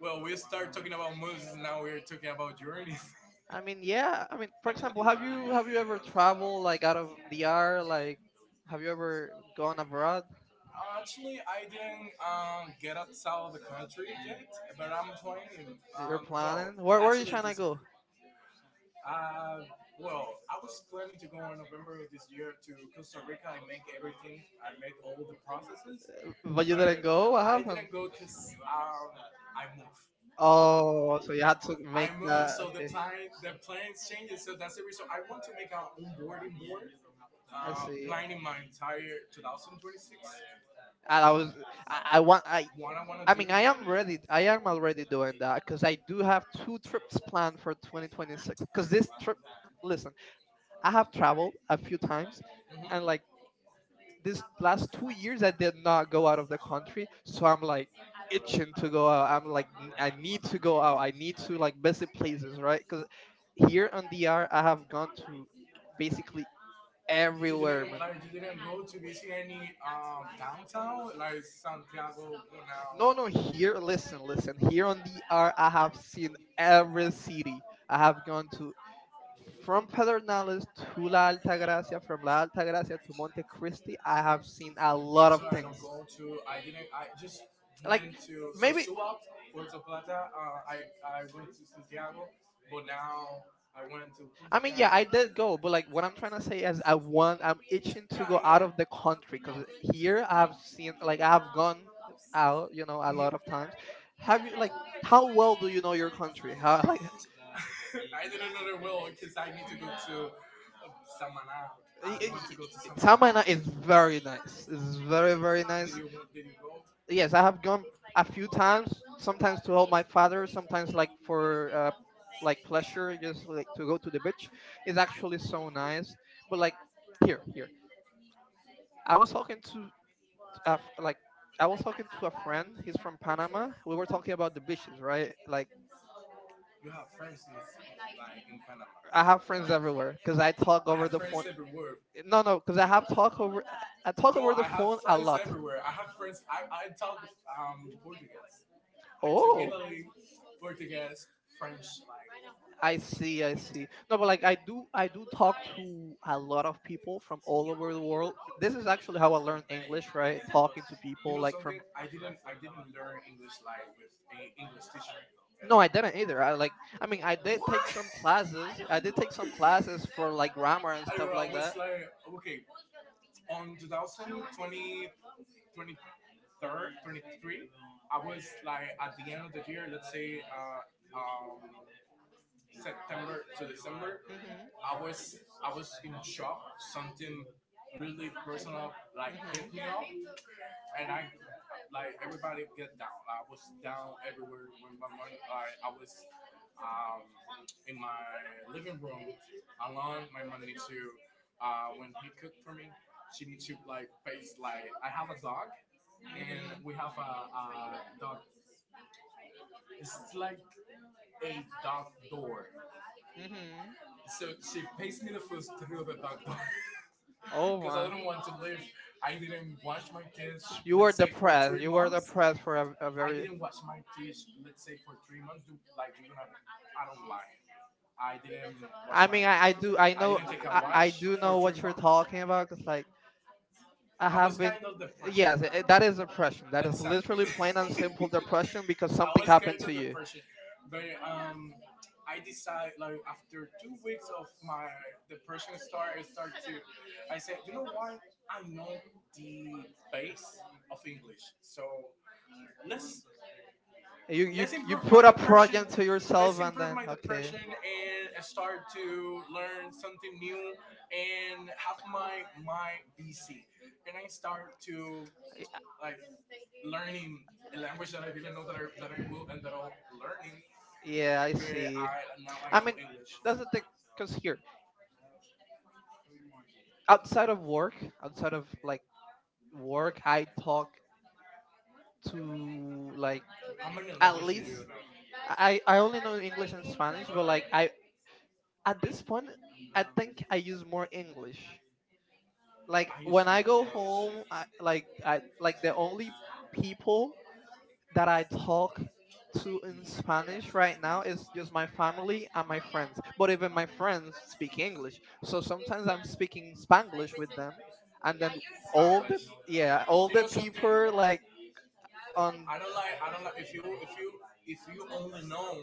Well, we start talking about movies, now we're talking about journeys. I I mean, mean, yeah. yeah. I mean, for example, Well, have you have you ever traveled like out of the R? Like, have have you you ever ever? gone uh, abroad? Actually, I didn't get outside of the country yet, but I'm planning. You're Well, planning? where Where are you Where are you actually trying trying to this to this go? year. Go? Well, I was planning to go in November of this year to Costa Rica and make everything. I make all the processes, But but you you but didn't didn't go? What I. Happened? didn't go because I moved. Oh, so you had to I make move that. so the Okay, time the plans changes. So that's the reason I want to make an onboarding board, I see. planning my entire 2026. And I was, I want, What I want to I I do. mean, I am Mean, ready. ready. I am already doing that because I do have two trips planned for 2026. Because this trip, listen, I have traveled a few times, and like Mhm. this last 2 years I did not go out of the country, so I'm like itching to go out. I'm like, I need to go out. I You need to like visit places," right? Because here on DR I have gone to basically everywhere, didn't man. like you didn't go to visit any downtown like Santiago, No, no, Punao. here, listen, listen. Here on DR I have seen every city. I have gone to from Pedernales to La Altagracia, from La Altagracia to Monte Cristi. I have seen a Somewhere lot of I'm right now things. going to, I didn't, I just Like went to so maybe Suat, Puerto Plata. I went to Santiago, but now I went to Punta I I mean, mean, yeah, I Cana. did Go, go, but but like, like what what I'm I'm trying trying to to say say is, is, I I have won. want, Yeah, I'm itching I get to go out out know of of the the country country because here here. I've seen, like, I've gone out, a lot of times. Have you, like, how well do you know your country? How, like, I didn't know there will because I need to go to uh, Samaná. I want to go to Samaná. Samana is very nice. It's very, very Did nice. you did you go? Yes, I have gone a few times, sometimes to help my father, sometimes like for, like pleasure, just like to go to the beach. It's actually so nice. But like here, I was talking to a f like I was talking to a friend. He's from Panama. We were talking about the beaches, right? Like You have friends in, like in I have friends Panama. everywhere because I talk I over have the phone. friends everywhere. No, no, because I have talk over. I talk Yo, over the I have phone a friends lot. everywhere. I have friends. I talk Portuguese. I took Oh, Italy, Portuguese, French. I Like, see, I see. No, but like I do, talk to a lot of people from all over the world. This is actually how I learned English, right? Talking to you people know like something? from. I didn't learn English like with an English teacher. No, I didn't either. I like. I mean, I did What? take Take some classes. I did take some classes for like grammar and stuff I, I like was that. like, okay, on 2020, 23rd, 23, I was like at the end of the year, let's say September to December, Hmm. I was I was in shock. Something really personal, like hit Mhm. me up, and I like everybody get down. I was down everywhere when my money. Like I was um in my living room alone. My mom needs to when he cooked for me, she needs to like face like I have a dog, and Mhm. we have a dog. It's like a dog door. Mhm. So she pays me the food through the dog door. Oh Because I my. didn't want to live. I didn't wash my teeth You were for depressed. three You were months. depressed for a, I very. didn't wash my teeth, let's say, for 3 months. Do, like, you don't have, I don't lie. I didn't wash I my mean, I teeth. do. I I know. didn't take a I wash do for know what three you're months. talking about. Cause like I It have was been. kind of depression. Yes, that is depression. That is Exactly. literally Plain plain and and simple because I something depression because something was happened happened scared to of to you. you. Depression, but I decide like after 2 weeks of my depression start, I said, you know what? I know the base of English, so let's You You, you let's you you improve my put put a depression. project to yourself Let's and improve then my okay. depression and start to learn something new and have my BC. And I start to Eh, like learning a language that I didn't know that I will end up learning. Yeah, I But see. I now I I know mean, English. that's the thing, because here, outside of work, outside of like work, I talk to Like, like how many at languages least do you know? I only know English and Spanish, but like I at this point, I think I use more English. like Like I use- when I go home, I like the only people that I talk to in Spanish right now is just my family and my friends. But even my friends speak English. So so sometimes I'm speaking speaking Spanish Spanglish with them, and then all the Spanish. yeah, all You the know something? people like on I don't like. I don't like. If you only know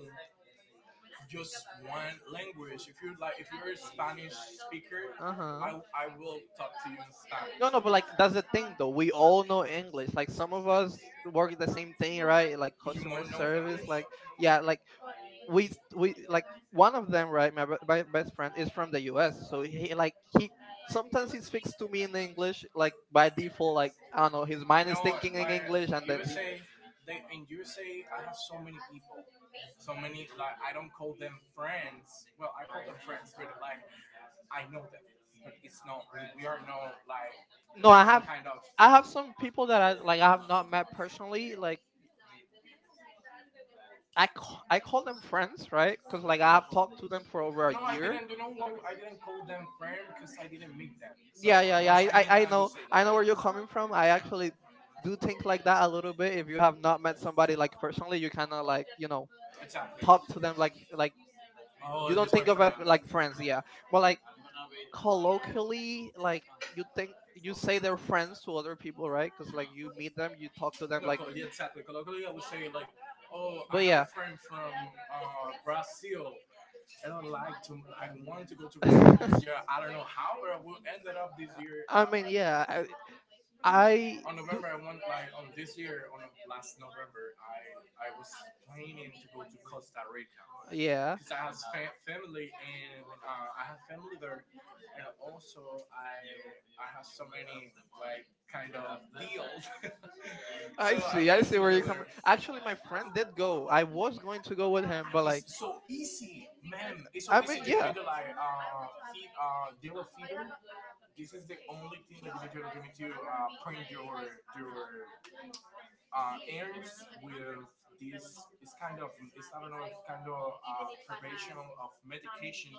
just one language. If you're like, if you're a Spanish speaker, uh-huh. I will talk to you in Spanish. No, no, but like that's the thing though. We all know English. Like some of us work the same thing, right? Like You customer won't know service, English. Like, like, yeah, yeah, like we like one of them, right? My best friend is from the US. So he, like like, he sometimes he speaks to me in English, like like, by by I default. Like, I don't don't know, know, his his mind mind is no, is no, thinking in English. English, and then he USA, they in USA, I have so many people, so many, like, I don't call them friends. Well, I call them friends, but like I know them, but it's not. We are not like no, no, i have kind of i have have some some people people that I, that like, like I I have have not not met met personally, personally. Like I I call call them them friends, friends, right? right? Because Because like like, I I have talk talked to to them for over them. a No, I year. didn't. You know why I didn't call them friend? Because I didn't meet them. So Yeah, yeah, yeah, once I, I i I know. know i know where you're coming from. I actually do think like that a little bit. If you have not met somebody like personally, you kind of like, Exactly. talk to them, like, you don't Just my think think of friend. it Like like friends. friends, Yeah. yeah. But like, colloquially, like, you think you say they're They're friends to other people, right? Because like you meet them, you talk to them, no, like. yeah, exactly. Colloquially, I would say like, oh, I But have, yeah, a yeah, friend from Brazil, and I like to. I wanted to go to Brazil this year. I don't know how, but I ended up this year. I mean, yeah, I, I I On do. November I went like on this year on last November I was planning to go to Costa Rica Yeah, because I have family and I have family there and also I have so many, like, kind of deals so I I see. I went see where you're to there. coming. Actually, my friend did go. I was going to go with him, but To like, It's so easy, man. It's so I easy. mean, You yeah, need to like feed, deal with feeder. This is the only thing that you need to do to print your earnings with this. It's kind of, it's, I don't know, it's kind of prevention of medication,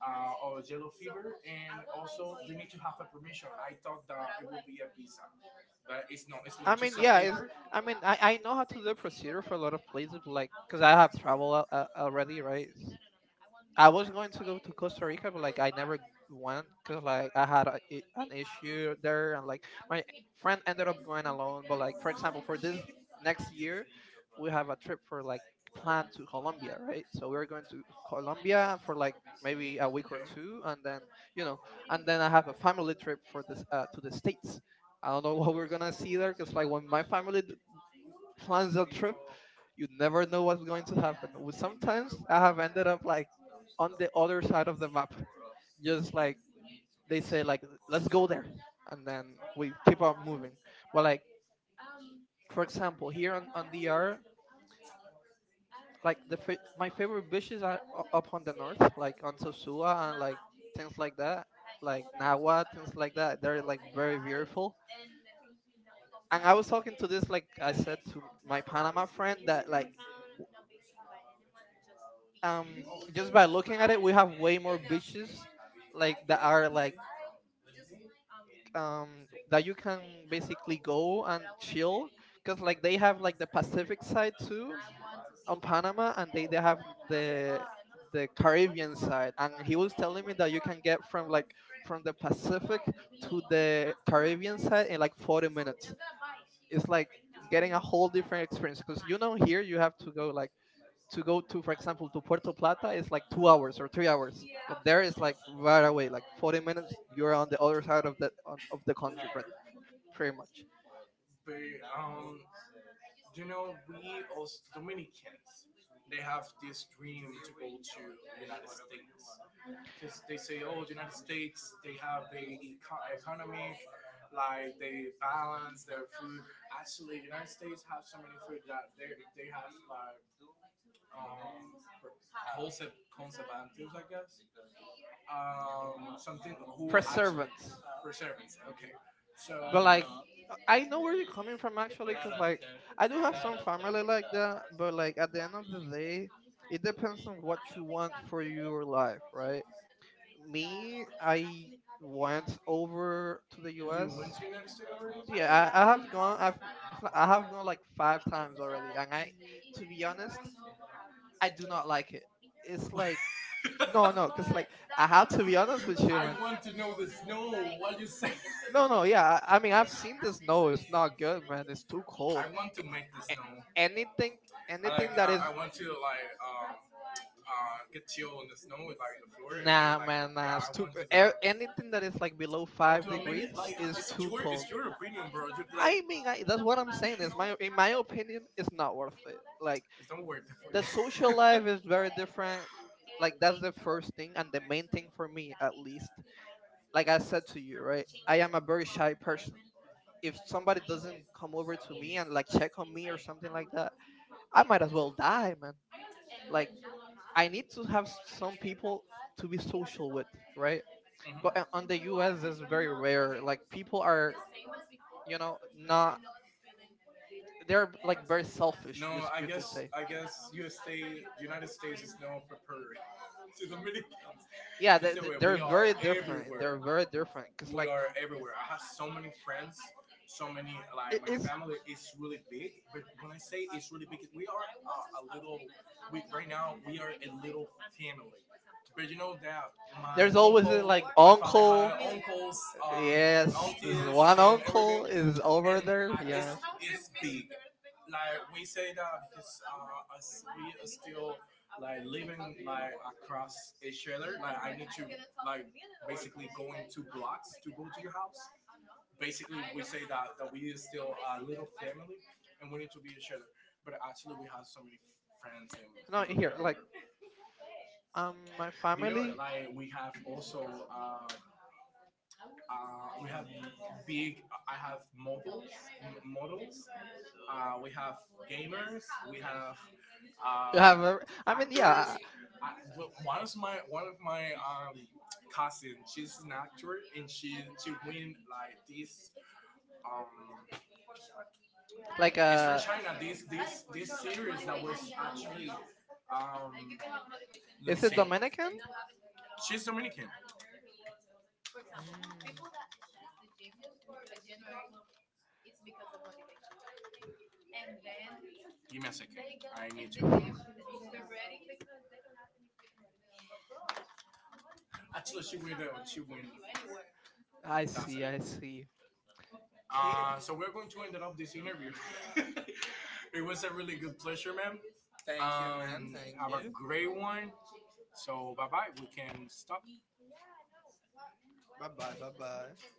or yellow fever, and also you need to have a permission. I thought that it would be a visa, but it's not. It's I not mean, just a, yeah, yeah. It's. paper. I mean, I know how to do the procedure for a lot of places, like, cause I have traveled, already, right? I was going to go to Costa Rica, but like I never went, because like I had an issue there, and like my friend ended up going Kind of alone. But, like, for example, for this next year, we have a trip for, like, planned to Colombia, right? So we're going to Colombia for like maybe okay a week or too, two, and then, you know, and then I have a family trip for this, to the States. I don't know, what we're gonna see there, because like when my family plans that trip, you never know what's going to happen. Sometimes I have ended up like like on the other side other of the map. Just like they say, like, let's go there, and that, then we keep on moving. But, like, for example, here on DR, like the my favorite just beaches are up on the north, like on Sosua and like things like that. that, like Nawa, things like that. They're like very beautiful. And I was talking to this, Just like like I said to my Panama friend, that like, um just by looking at it, we have way more beaches like that are like, um um, that you can basically go and chill, because like they have like the Pacific side too on Panama, and they have the the Caribbean side. And he was telling me that you can get from, like, from the Pacific to the Caribbean side in like 40 minutes. It's like getting a whole different experience, because, here you have to go like, to go to, for example, to Puerto Plata is like 2 hours or 3 hours, but there is like right away, like 40 minutes, you're on the other side of of the country, pretty much. but um, you know, we as Dominicans, they have this dream to go to United States because they say, oh, United States, they have the economic, like they balance their food. Actually, United States have so many food that they have like um concept conservatives, I guess. Actually, Perseverance, but like I know where you're coming from, actually, cause like I do have some family like that, but like at the end of the day, it depends on what you want for your life, right? Me, I went over to the U.S. So yeah, I have gone. I have gone like like five times already, and I, to be honest, I do not like it. it's It's like like, no, no, no, no, because like I have to be honest with you, man. No, no, yeah. I mean, I've seen the snow. It's not good, man. It's too cold. A- anything, anything that is, want to like uh in the snow with like nah, like, man, man, nah, nah. yeah, It's I too. want to do. a- There, Anything that is like below I want five to make it. degrees is too cold. You're I mean, that's what I'm saying. Is my in my opinion, it's not worth it. like Like, it's not worth. the social life is very different. Like, that's the first thing and the main thing for me, at least. Like I said to you, right? I am a very shy person. If somebody doesn't come over to me and like check on me or something like that, I might as well die, I, man. man, Like, I need to have some people to to be. be social with, right? But on the Mhm. U.S. it's very rare. Like, people are, you know, not. They're like very selfish. You could say. USA the, Yeah, yeah. It's they're very they, different. They're very different, because we like are everywhere. I have so many friends, so many, it like, my is family is really big. But when I say it's really big, we are a little. We right now we are a little family. But you know that my there's uncle, always, like, my father uncle. had uncles, Yes, aunties, this one and everything. uncle is over And there, there. it's Yeah. it's big. Like we say that because us, we are still, like, living, like, across each other. Like I need to, like, basically going 2 blocks to go to your house. Basically, we say that that we are still a little family and we need to be each other. But actually, we have so many friends and No, family here, like, my you know, family. like we have also. Um, we have big. I have models, models. We have gamers. We have You uh, have I mean, yeah, actors. I, well, one of my cousin, she's an actor, and she win like this um. like, It's from China. This series that was actually. Let me is see. it Dominican? She's Dominican. Mm, Give me a second. I need to remember. Actually, she win. She win. I. I That's see, see, it. I I see. see. Kid. So we're going to end up this interview. It was a really good pleasure, man. Thank you, Thank you, man. man. Thank Thank have a you. you. Great one. So, bye bye. We can stop. Bye bye, bye bye.